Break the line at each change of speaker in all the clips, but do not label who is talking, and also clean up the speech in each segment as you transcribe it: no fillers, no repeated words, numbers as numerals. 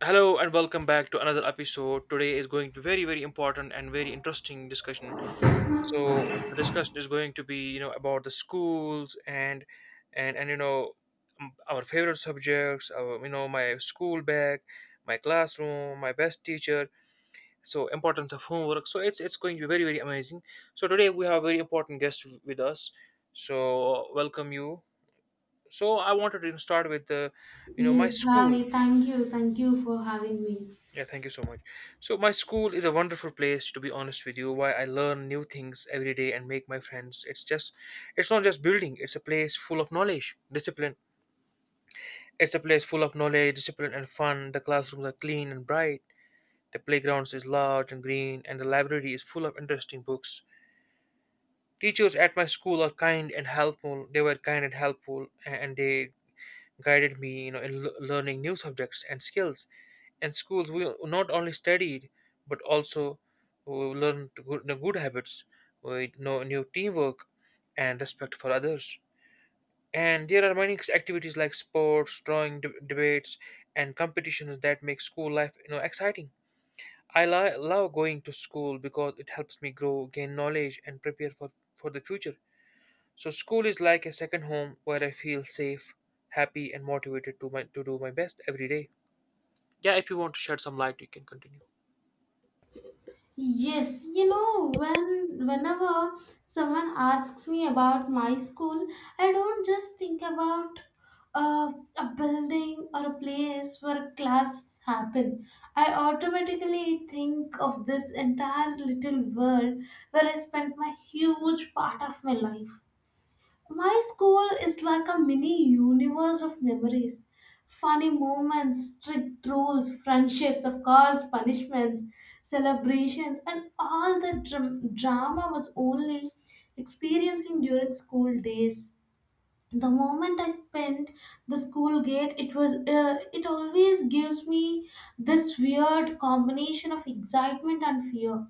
Hello and welcome back to another episode. Today is going to be very very important and very interesting discussion. So the discussion is going to be you know about the schools and you know our favorite subjects, our, you know my school bag, my classroom, my best teacher. So importance of homework. So it's going to be very very amazing. So today we have a very important guest with us. So welcome you. So I wanted to start with the you know my
Yes,
school.
hi. Thank you. Thank you for having me.
Yeah, thank you so much. So my school is a wonderful place, to be honest with you, where I learn new things every day and make my friends. It's just it's not just building, it's a place full of knowledge, discipline. It's a place full of knowledge, discipline and fun. The classrooms are clean and bright. The playgrounds is large and green, and the library is full of interesting books. Teachers at my school are kind and helpful. They were kind and helpful and they guided me you know in learning new subjects and skills. In schools we not only studied but also we learned good, the good habits, we know new teamwork and respect for others. And there are many activities like sports, drawing, debates and competitions that make school life you know exciting. I love going to school because it helps me grow, gain knowledge and prepare for the future. So school is like a second home where I feel safe, happy, and motivated to my to do my best every day. Yeah, if you want to shed some light, you can continue.
Yes, you know, whenever someone asks me about my school, I don't just think about uh, a building or a place where classes happen. I automatically think of this entire little world where I spent my huge part of my life. My school is like a mini universe of memories. Funny moments, strict rules, friendships, of course, punishments, celebrations, and all the drama was only experiencing during school days. The moment I spent the school gate, it always gives me this weird combination of excitement and fear.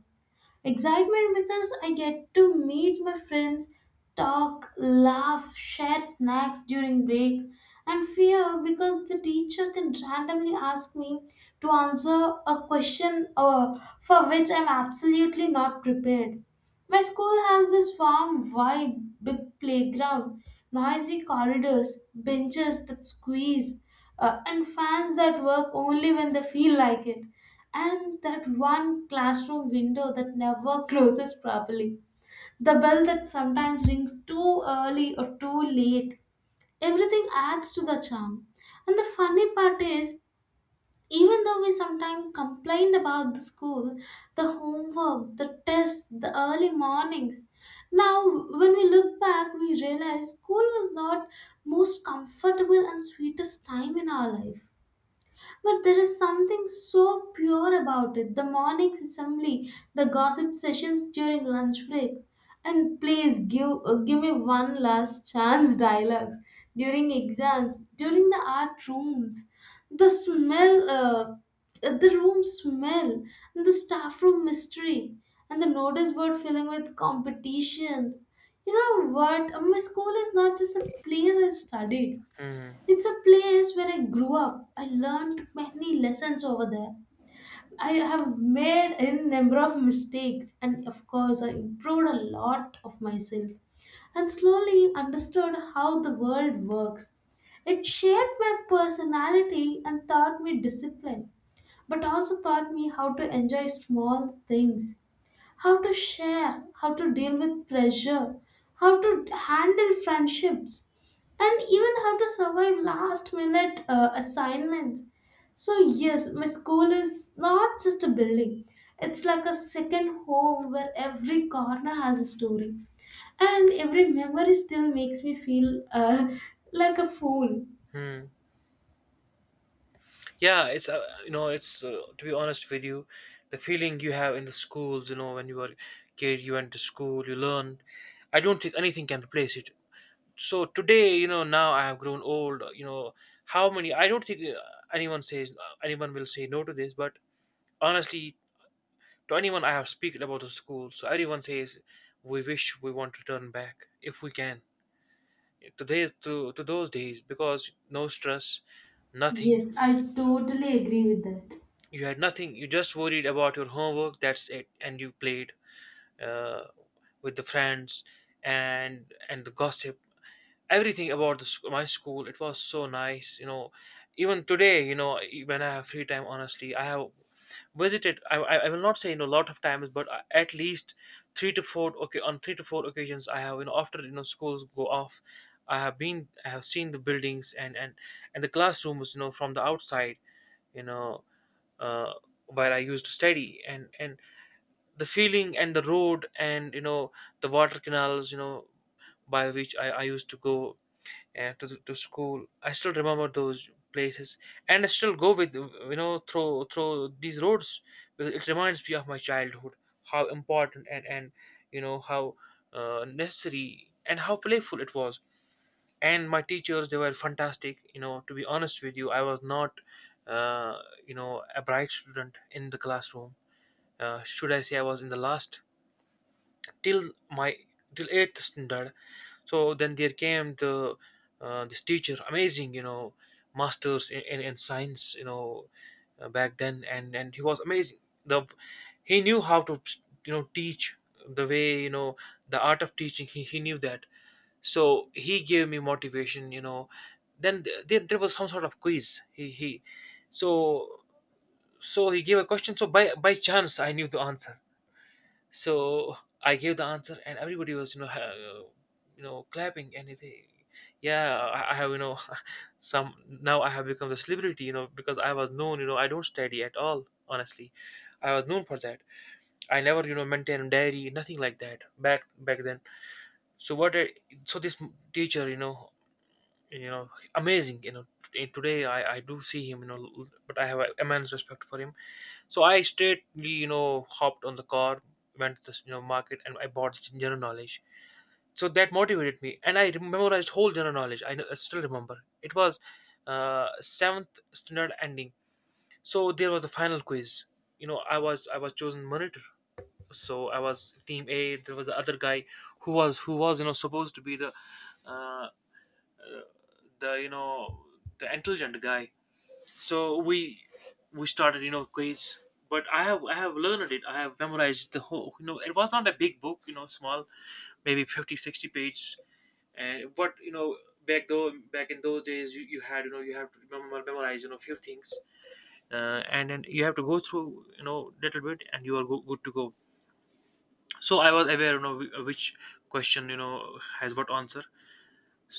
Excitement because I get to meet my friends, talk, laugh, share snacks during break, and fear because the teacher can randomly ask me to answer a question for which I'm absolutely not prepared. My school has this farm vibe, big playground, noisy corridors, benches that squeeze, and fans that work only when they feel like it and that one classroom window that never closes properly, the bell that sometimes rings too early or too late. Everything adds to the charm. And the funny part is, even though we sometimes complained about the school, the homework, the tests, the early mornings, now when we look back, we realize school was not most comfortable and sweetest time in our life. But there is something so pure about it the morning assembly, the gossip sessions during lunch break. And please give, give me one last chance dialogues during exams, during the art rooms. The smell, the room smell, and the staff room mystery, and the notice board filling with competitions. You know what? My school is not just a place I studied.
Hmm.
It's a place where I grew up. I learned many lessons over there. I have made a number of mistakes, and of course, I improved a lot of myself and slowly understood how the world works. It shaped my personality and taught me discipline, but also taught me how to enjoy small things how to share, how to deal with pressure, how to handle friendships, and even how to survive last minute assignments. So, yes, my school is not just a building, it's like a second home where every corner has a story. And every memory still makes me feel like a fool.
Hmm. Yeah, it's you know, it's to be honest with you, the feeling you have in the schools, you know, when you were kid, you went to school, you learned. I don't think anything can replace it. So today, you know, now I have grown old. You know, how many? I don't think anyone says anyone will say no to this, but honestly, to anyone I have spoken about the school, so everyone says we wish we want to turn back if we can to days to those days because no stress, nothing.
Yes, I totally agree with that.
You had nothing. You just worried about your homework. That's it, and you played. uh, with the friends and the gossip, everything about my school, it was so nice you know. Even today you know, when I have free time, honestly I have visited I will not say you know a lot of times, but at least three to four, okay, on three to four occasions I have you know after you know schools go off, I have been, I have seen the buildings and the classrooms you know from the outside, you know, uh, where I used to study, and the feeling and the road and you know the water canals you know by which I used to go, to school. I still remember those places and I still go with you know through these roads because it reminds me of my childhood, how important and you know how necessary and how playful it was. And my teachers, they were fantastic you know. To be honest with you, I was not uh, you know a bright student in the classroom. Should I say I was in the last till my till eighth standard. So then there came the this teacher, amazing, you know, masters in science, you know, back then, and he was amazing. The he knew how to you know teach the way you know the art of teaching. He knew that. So he gave me motivation you know. Then there was some sort of quiz he so so he gave a question. So by chance I knew the answer. So I gave the answer, and everybody was, you know, you know, clapping, and they, yeah, I have, you know, some now I have become the celebrity, you know, because I was known, you know, I don't study at all, honestly. I was known for that. I never, you know, maintained a diary, nothing like that back then. So what? I, so this teacher, you know, amazing, you know. Today I do see him, you know, but I have immense respect for him. So I straightly, you know, hopped on the car, went to the you know market, and I bought general knowledge. So that motivated me, and I memorized whole general knowledge. I, know, I still remember it was seventh standard ending. So there was a final quiz. You know, I was chosen monitor, so I was team A. There was the other guy who was you know supposed to be uh, uh, the you know the intelligent guy. So we started you know quiz, but i have learned it, I have memorized the whole, you know, it was not a big book you know, small, maybe fifty sixty 60 page, and but you know back though back in those days, you had you know, you have to remember, memorize you know few things, and then you have to go through you know little bit and you are go, good to go. So I was aware you know which question you know has what answer.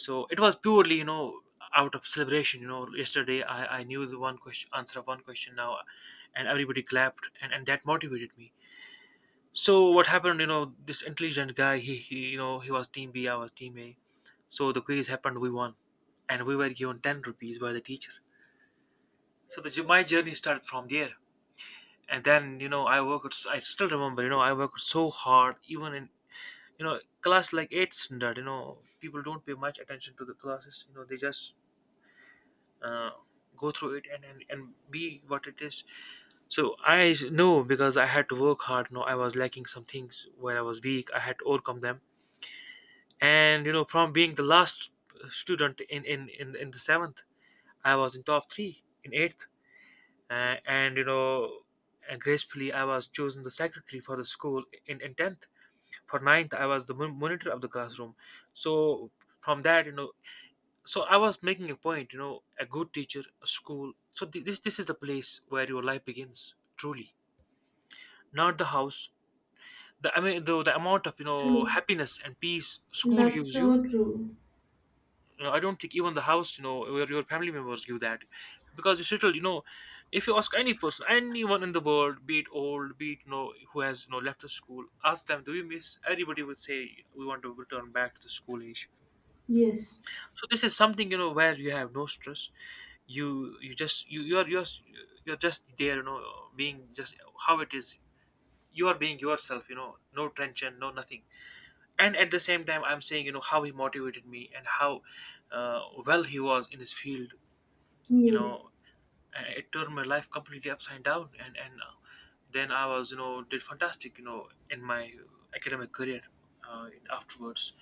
So it was purely you know out of celebration, you know yesterday i knew the one question answer of one question now. And everybody clapped and that motivated me. So what happened you know, this intelligent guy, he you know, he was team B, I was team A. So the quiz happened, we won, and we were given 10 rupees by the teacher. So the my journey started from there. And then you know I worked, I still remember you know I worked so hard even in you know class like 8 standard, you know people don't pay much attention to the classes. You know they just uh, go through it and, and be what it is. So i know because I had to work hard. No, I was lacking some things where I was weak, I had to overcome them. And you know from being the last student in the seventh, I was in top three in eighth, and you know, and gracefully I was chosen the secretary for the school in 10th. For ninth, I was the monitor of the classroom. So from that you know, so I was making a point you know, a good teacher, a school. So this this is the place where your life begins truly, not the house. The, I mean, the amount of you know
True.
happiness and peace school
That's
gives you.
so true.
You know I don't think even the house you know, where your family members give that, because you settle you know. If you ask any person, anyone in the world, be it old, be it you know who has you know left the school, ask them, do you miss, everybody would say we want to return back to the school age.
Yes.
So this is something you know where you have no stress. You just you you're just there. You know, being just how it is. You are being yourself. You know, no tension, no nothing. And at the same time, I'm saying you know how he motivated me and how uh, well he was in his field. You
Yes.
know, and it turned my life completely upside down. And then I was you know did fantastic. You know, in my academic career afterwards.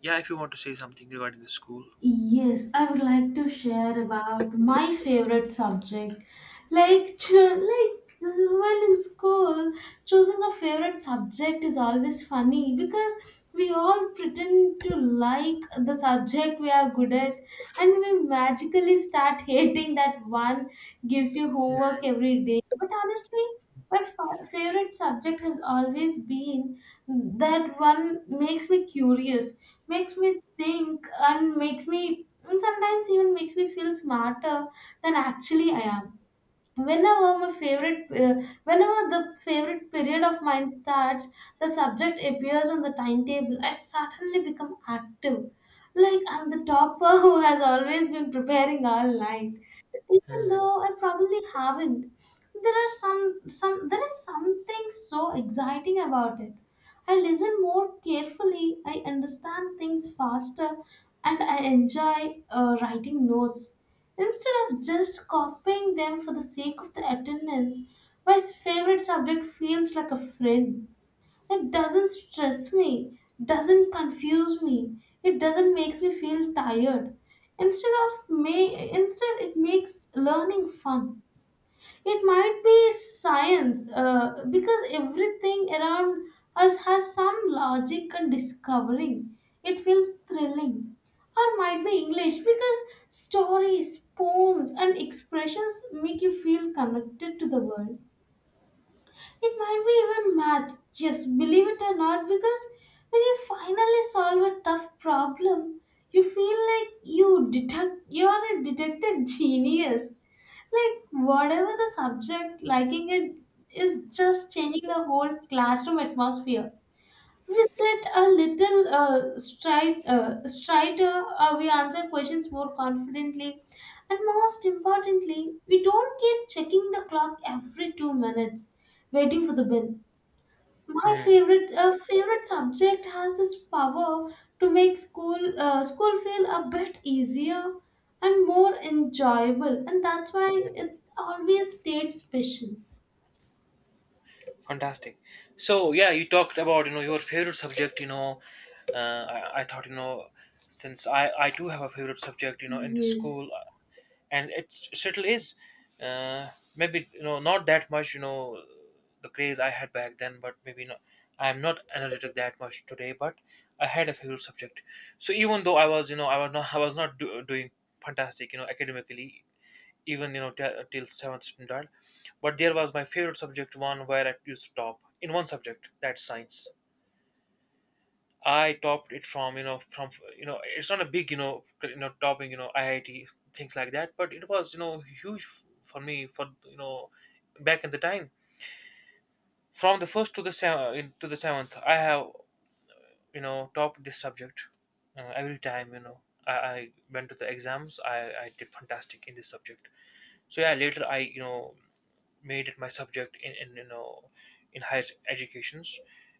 Yeah, if you want to say something regarding the school.
Yes, I would like to share about my favorite subject, like when in school choosing a favorite subject is always funny because we all pretend to like the subject we are good at and we magically start hating that one gives you homework every day but honestly my favorite subject has always been that one makes me curious makes me think and makes me and sometimes even makes me feel smarter than actually I am whenever my favorite uh, whenever the favorite period of mine starts the subject appears on the timetable I suddenly become active like I'm the topper who has always been preparing all night even
Hmm.
though I probably haven't, there is something so exciting about it. I listen more carefully, I understand things faster, and I enjoy writing notes instead of just copying them for the sake of the attendance. My favorite subject feels like a friend. It doesn't stress me, doesn't confuse me, it doesn't makes me feel tired. Instead of may instead it makes learning fun. It might be science because everything around us has some logic and discovering. It feels thrilling. Or might be English because stories, poems and expressions make you feel connected to the world. It might be even math, yes, believe it or not, because when you finally solve a tough problem, you feel like you are a detected genius. Like whatever the subject, liking it is just changing the whole classroom atmosphere we sit a little straighter, we answer questions more confidently, and most importantly, we don't keep checking the clock every 2 minutes, waiting for the bill. My
Hmm.
favorite uh, favorite subject has this power to make school feel a bit easier and more enjoyable, and that's why it always stayed special.
Fantastic. So yeah, you talked about you know your favorite subject. You know, I thought you know, since I do have a favorite subject. You know, in the
Yes,
school, and it still is. Uh, Maybe you know not that much. You know, the craze I had back then, but maybe not. I'm not analytic that much today, but I had a favorite subject. So even though I was you know I was not I was not do, doing fantastic. You know, academically, even you know till seventh standard, but there was my favorite subject, one where I used to top in one subject, that's science. I topped it from it's not a big topping IIT things like that, but it was huge f- for me for you know back in the time. From the first to the seventh, I have topped this subject every time. I went to the exams. I did fantastic in this subject. So yeah, later I made it my subject in in higher educations.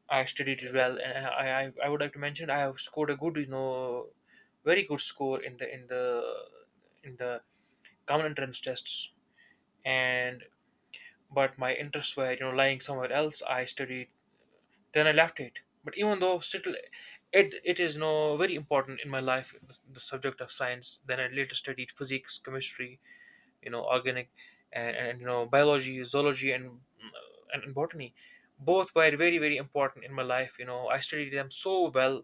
I studied it well, and I would like to mention I have scored a good, very good score in the common entrance tests. And, but my interests were, lying somewhere else. I studied, then I left it. But even though, still it is no very important in my life, the subject of science. Then I later studied physics, chemistry, organic and biology zoology, and botany. Both were very, very important in my life. I studied them so well,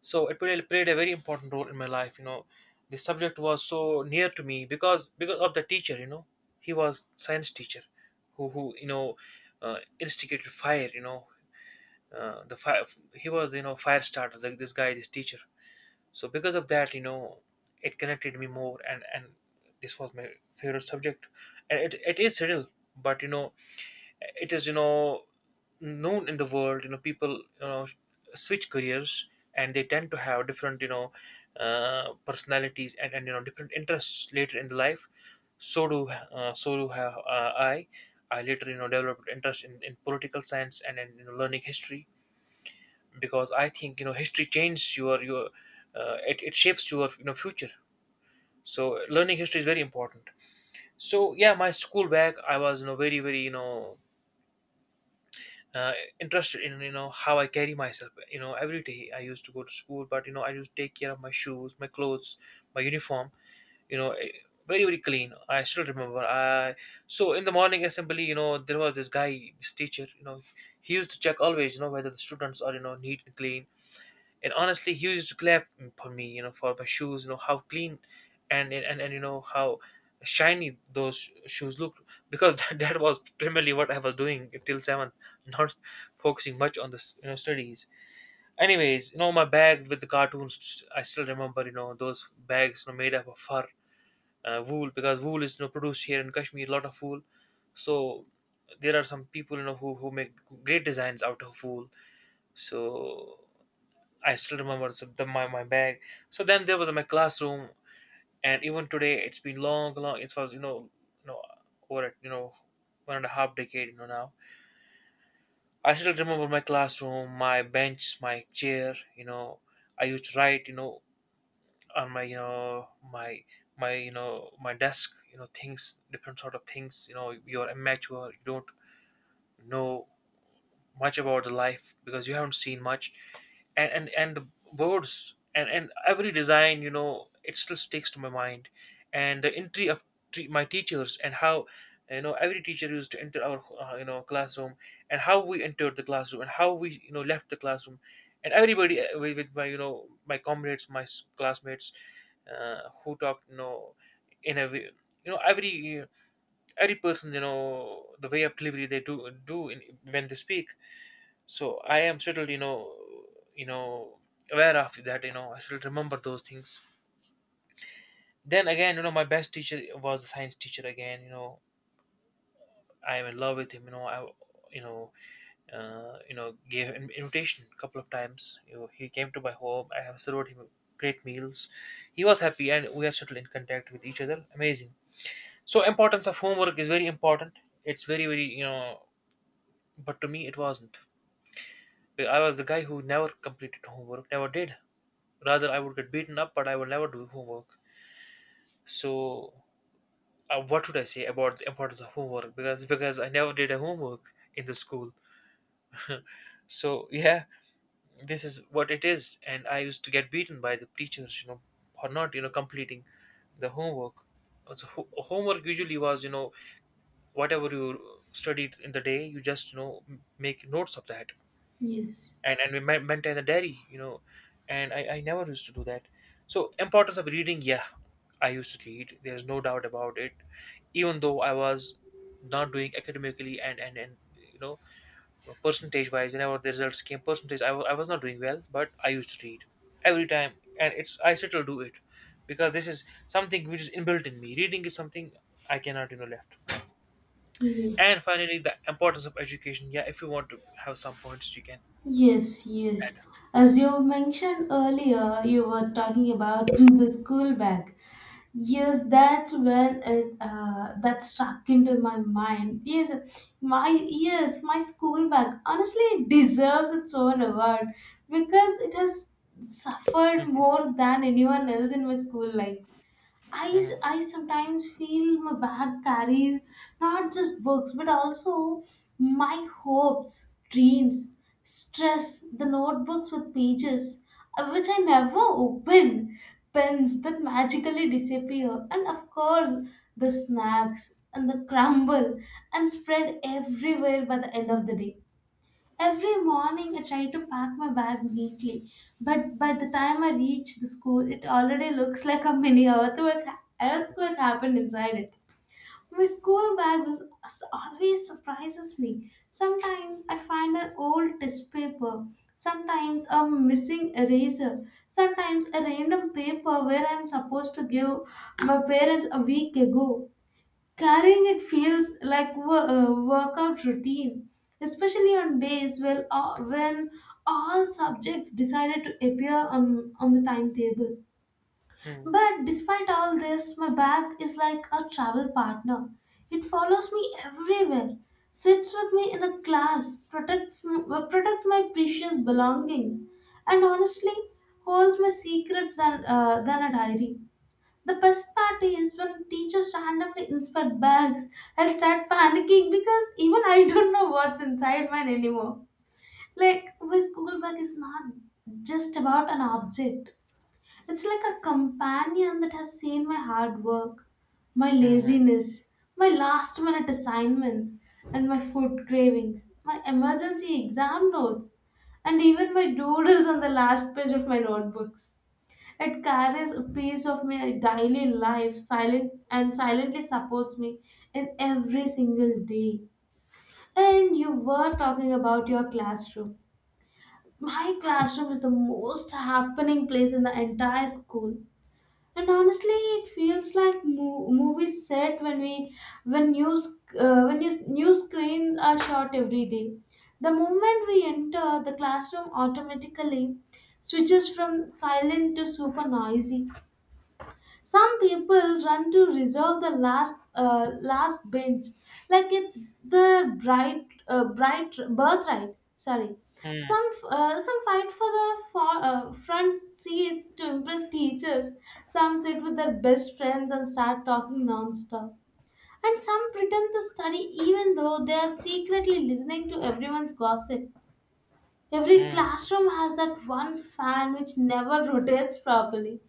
so it really played a very important role in my life. The subject was so near to me, because of the teacher. He was science teacher, who instigated fire, the fire. He was, fire starter, like this guy, this teacher. So because of that, it connected me more, and this was my favorite subject. And it is subtle, but it is, known in the world. People switch careers, and they tend to have different, personalities, and different interests later in the life. So do, so do have, I later developed interest in political science, and in, learning history. Because I think, history changes it shapes your, future. So learning history is very important. So yeah, my school bag, I was very very, uh, interested in how I carry myself. Every day I used to go to school, but I used to take care of my shoes, my clothes, my uniform. You know. eh, Very, very clean. I still remember, I so in the morning assembly, there was this guy, this teacher, he used to check always whether the students are, neat and clean. And honestly, he used to clap for me, for my shoes, how clean and how shiny those shoes looked, because that was primarily what I was doing till seventh, not focusing much on the studies. Anyways, my bag with the cartoons, I still remember, those bags, made up of fur, wool, because wool is produced here in Kashmir, a lot of wool. So there are some people, who make great designs out of wool. So I still remember, so my bag. So then there was my classroom, and even today it's been long, long. It was, you know, over, one and a half decade, now. I still remember my classroom, my bench, my chair. I used to write, on my desk, things, different sort of things. You're immature, you don't know much about the life because you haven't seen much, and the words, and every design, it still sticks to my mind, and the entry of my teachers, and how every teacher used to enter our, classroom and how we entered the classroom, and how we left the classroom, and everybody, with my, my comrades, my classmates, who talked, in a way, you know every every person, the way of delivery they do in, when they speak. So I am still, you know aware of that. I still remember those things. Then again, my best teacher was a science teacher again. I am in love with him. You know i you know uh, you know gave an invitation a couple of times. He came to my home, I have served him great meals. He was happy, and we are still in contact with each other. Amazing. So importance of homework is very important, it's very, very, but to me it wasn't. I was the guy who never completed homework, never did. Rather, I would get beaten up, but I would never do homework. So, what should I say about the importance of homework? Because I never did a homework in the school. So yeah, this is what it is, and I used to get beaten by the teachers, for not completing the homework. So homework usually was, whatever you studied in the day, you just make notes of that,
yes,
and we maintain a diary, and I never used to do that. So importance of reading, yeah, I used to read, there's no doubt about it. Even though I was not doing academically, and you know percentage wise, whenever the results came, percentage I was not doing well, but I used to read every time, and it's, I still do it, because this is something which is inbuilt in me, reading is something I cannot, left
yes.
and finally, the importance of education, yeah, if you want to have some points you can
Yes, yes.
add.
As you mentioned earlier, you were talking about the school bag. Yes, that's when that struck into my mind. Yes, my school bag honestly it deserves its own award because it has suffered
Mhm,
more than anyone else in my school life. I
mhm.
I sometimes feel my bag carries not just books but also my hopes, dreams, stress, the notebooks with pages which I never open, pens that magically disappear, and of course the snacks and the crumble and spread everywhere by the end of the day. Every morning I try to pack my bag neatly, but by the time I reach the school, it already looks like a mini earthquake, earthquake happened inside it. My school bag was always surprises me. Sometimes I find an old test paper, sometimes a missing eraser, sometimes a random paper where I'm supposed to give my parents a week ago. Carrying it feels like workout routine, especially on days when all subjects decided to appear on the timetable.
Hmm.
But despite all this, my bag is like a travel partner. It follows me everywhere, sits with me in a class, protects my precious belongings, and honestly holds my secrets than a diary. The best part is when teachers randomly inspect bags, I start panicking because even I don't know what's inside mine anymore. Like, my school bag is not just about an object, it's like a companion that has seen my hard work, my
Mhm.
laziness, my last minute assignments, and my food cravings, my emergency exam notes, and even my doodles on the last page of my notebooks. It carries a piece of my daily life silent and silently supports me in every single day. And you were talking about your classroom. My classroom is the most happening place in the entire school. And honestly, it feels like movie set when we when new screens are shot every day. The moment we enter, the classroom automatically switches from silent to super noisy some people run to reserve the last bench, like it's the bright birthright. Sorry,
Hmm.
some fight for the front seats to impress teachers. Some sit with their best friends and start talking nonstop. And some pretend to study even though they are secretly listening to everyone's gossip. Every
Hmm.
classroom has that one fan which never rotates properly.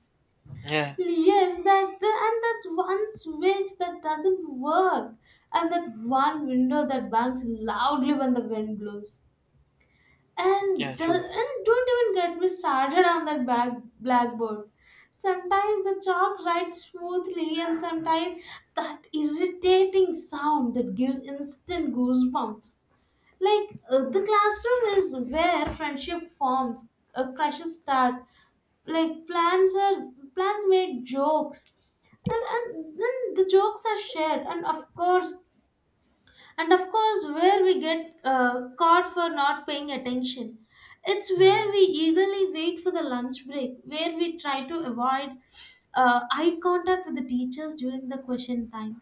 Yeah,
Yes, that and that's one switch that doesn't work, and that one window that bangs loudly when the wind blows.
yeah,
And do,
true.
and don't even get me started on that back blackboard. Sometimes the chalk writes smoothly, and sometimes that irritating sound that gives instant goosebumps. The classroom is where friendship forms, a crushes start, like plans made jokes and, and then the jokes are shared and of course, where we get caught for not paying attention. It's where
Hmm.
we eagerly wait for the lunch break, where we try to avoid eye contact with the teachers during the question time,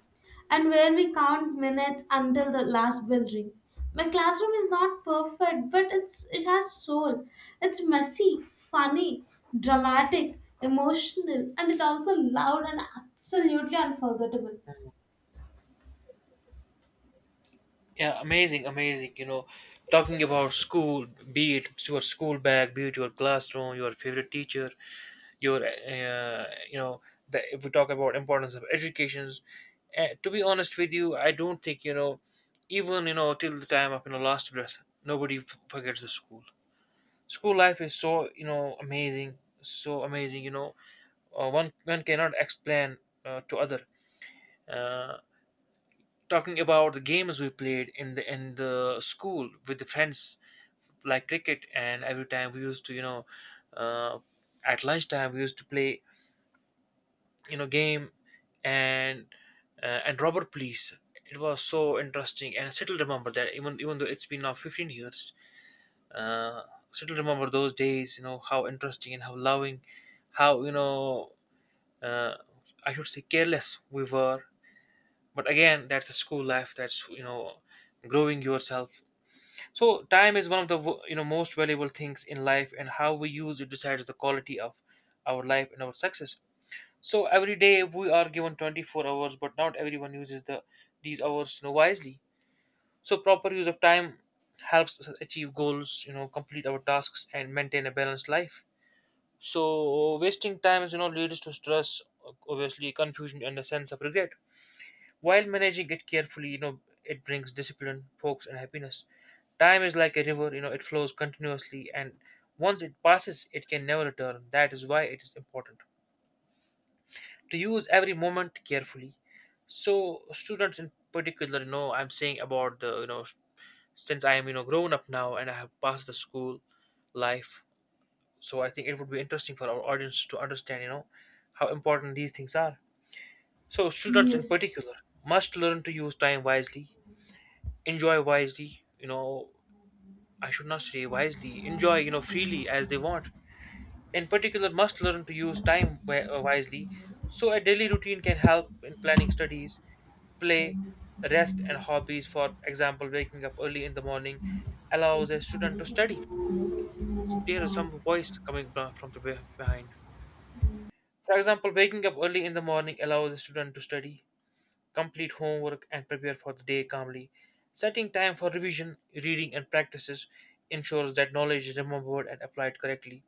and where we count minutes until the last bell ring. My classroom is not perfect, but it's it has soul. It's messy, funny, dramatic, emotional, and it's also loud and absolutely unforgettable.
Yeah, amazing, amazing. Talking about school, be it your school bag, be it your classroom, your favorite teacher, your, you know, if we talk about importance of educations, to be honest with you, I don't think, even, till the time of, last breath, nobody forgets the school. School life is so, amazing, so amazing, one cannot explain, to other. uh, Talking about the games we played in the school with the friends, like cricket, and every time we used to, uh, at lunchtime we used to play, game and and robber police. It was so interesting, and I still remember that. Even though it's been now 15 years, uh, still remember those days, how interesting and how loving, how, uh, I should say, careless we were. But again, that's a school life, that's, growing yourself. So time is one of the, most valuable things in life, and how we use it decides the quality of our life and our success. So every day we are given 24 hours, but not everyone uses these hours, wisely. So proper use of time helps us achieve goals, complete our tasks, and maintain a balanced life. So wasting time is, leads to stress, obviously, confusion, and a sense of regret, while managing it carefully, it brings discipline, focus, and happiness. Time is like a river, it flows continuously, and once it passes, it can never return. That is why it is important to use every moment carefully. So, students in particular, I'm saying about the, since I am, grown up now, and I have passed the school life, so I think it would be interesting for our audience to understand, how important these things are. So, students in
Yes.
particular must learn to use time wisely, enjoy wisely, you know I should not say wisely, enjoy, freely as they want. In particular, must learn to use time wisely. So a daily routine can help in planning studies, play, rest, and hobbies. For example, waking up early in the morning allows a student to study. There is some voice coming, from the behind. For example, waking up early in the morning allows a student to study, complete homework, and prepare for the day calmly. Setting time for revision, reading, and practices ensures that knowledge is remembered and applied correctly.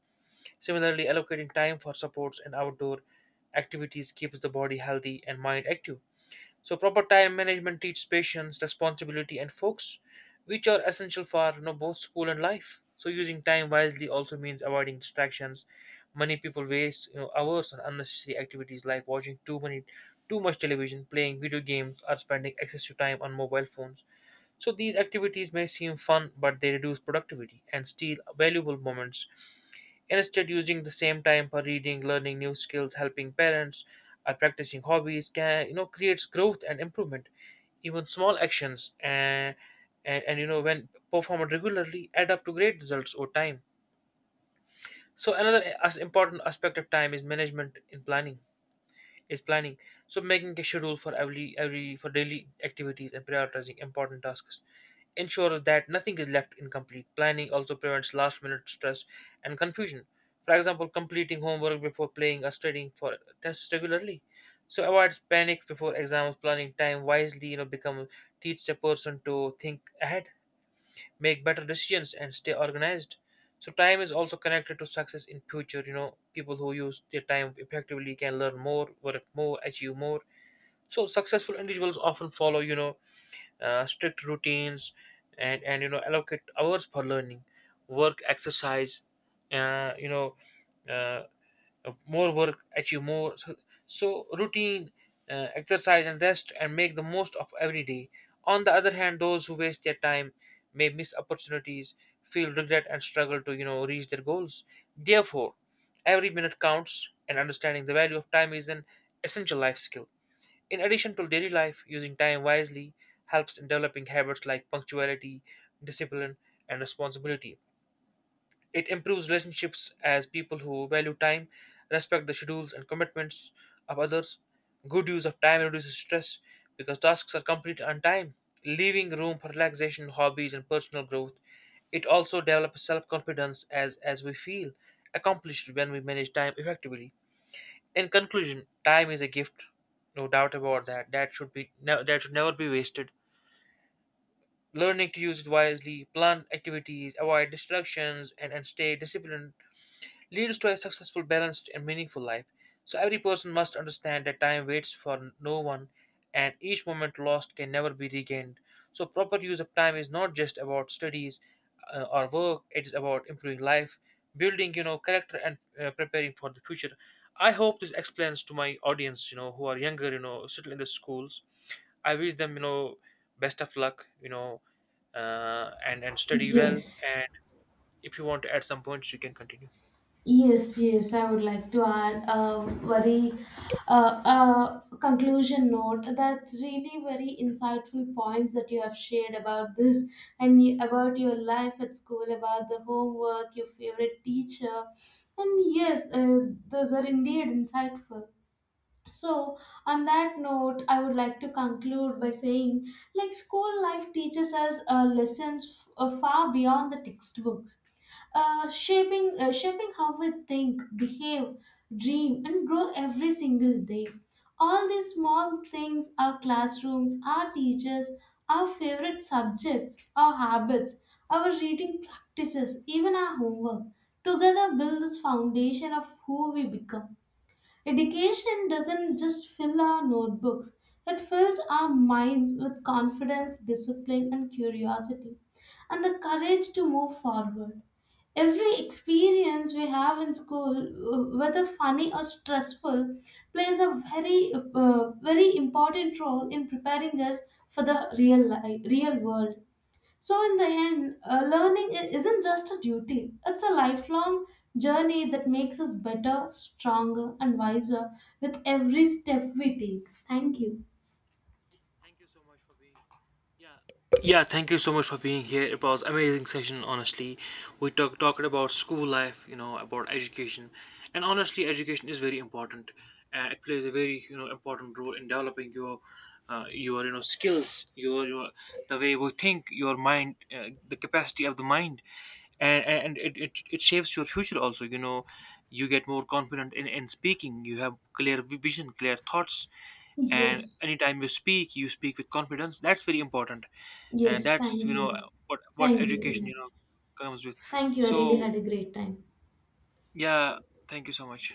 Similarly, allocating time for supports and outdoor activities keeps the body healthy and mind active. So proper time management teaches patience, responsibility, and focus, which are essential for, both school and life. So using time wisely also means avoiding distractions. Many people waste, hours on unnecessary activities like watching too much television, playing video games, or spending excessive time on mobile phones. So these activities may seem fun, but they reduce productivity and steal valuable moments. Instead, using the same time for reading, learning new skills, helping parents, or practicing hobbies can creates growth and improvement. Even small actions and when performed regularly add up to great results over time. So another as important aspect of time is management in planning is planning. So making a schedule for every for daily activities and prioritizing important tasks ensures that nothing is left incomplete. Planning also prevents last minute stress and confusion. For example, completing homework before playing or studying for tests regularly so avoids panic before exams. Planning time wisely, become teach a person to think ahead, make better decisions, and stay organized. So time is also connected to success in future. You know, people who use their time effectively can learn more, work more, achieve more. So successful individuals often follow, strict routines and allocate hours for learning, work, exercise you know uh, more work, achieve more. So, so routine, exercise, and rest, and make the most of every day. On the other hand, those who waste their time may miss opportunities, feel regret, and struggle to reach their goals. Therefore, every minute counts, and understanding the value of time is an essential life skill. In addition to daily life, using time wisely helps in developing habits like punctuality, discipline, and responsibility. It improves relationships, as people who value time respect the schedules and commitments of others. Good use of time reduces stress because tasks are completed on time, leaving room for relaxation, hobbies, and personal growth. It also develops self confidence, as we feel accomplished when we manage time effectively. In conclusion, time is a gift, no doubt about that, that should that should never be wasted. Learning to use it wisely, plan activities, avoid distractions, and stay disciplined leads to a successful, balanced, and meaningful life. So every person must understand that time waits for no one, and each moment lost can never be regained. So proper use of time is not just about studies or work, it is about improving life, building, character, and preparing for the future. I hope this explains to my audience, who are younger, still in the schools. I wish them, best of luck, and study well.
Yes.
And if you want to add some points, you can continue.
Yes, yes, I would like to add a very conclusion note. That's really very insightful points that you have shared about this and about your life at school, about the homework, your favorite teacher. And yes, those are indeed insightful. So, on that note, I would like to conclude by saying like school life teaches us lessons far beyond the textbooks, shaping how we think, behave, dream, and grow every single day. All these small things our classrooms, our teachers, our favorite subjects, our habits, our reading practices, even our homework together build this foundation of who we become. Education doesn't just fill our notebooks, it fills our minds with confidence, discipline, and curiosity, and the courage to move forward. Every experience we have in school, whether funny or stressful, plays a very important role in preparing us for the real life, real world. So, in the end, learning isn't just a duty, it's a lifelong journey that makes us better, stronger, and wiser with every step we take. Thank you.
Thank you so much for being, yeah. Yeah, thank you so much for being here. It was amazing session, honestly. We talked about school life, about education, and honestly, education is very important. It plays a very important role in developing your skills, your the way we think, your mind, the capacity of the mind, and it shapes your future also. You know, you get more confident in speaking. You have clear vision, clear thoughts, and
Yes,
anytime you speak with confidence. That's very important, and
yes,
that's
thank
you know
you.
what what
Thank
education,
you.
comes with.
Thank you. I really
So
had a great time.
yeah, thank you so much.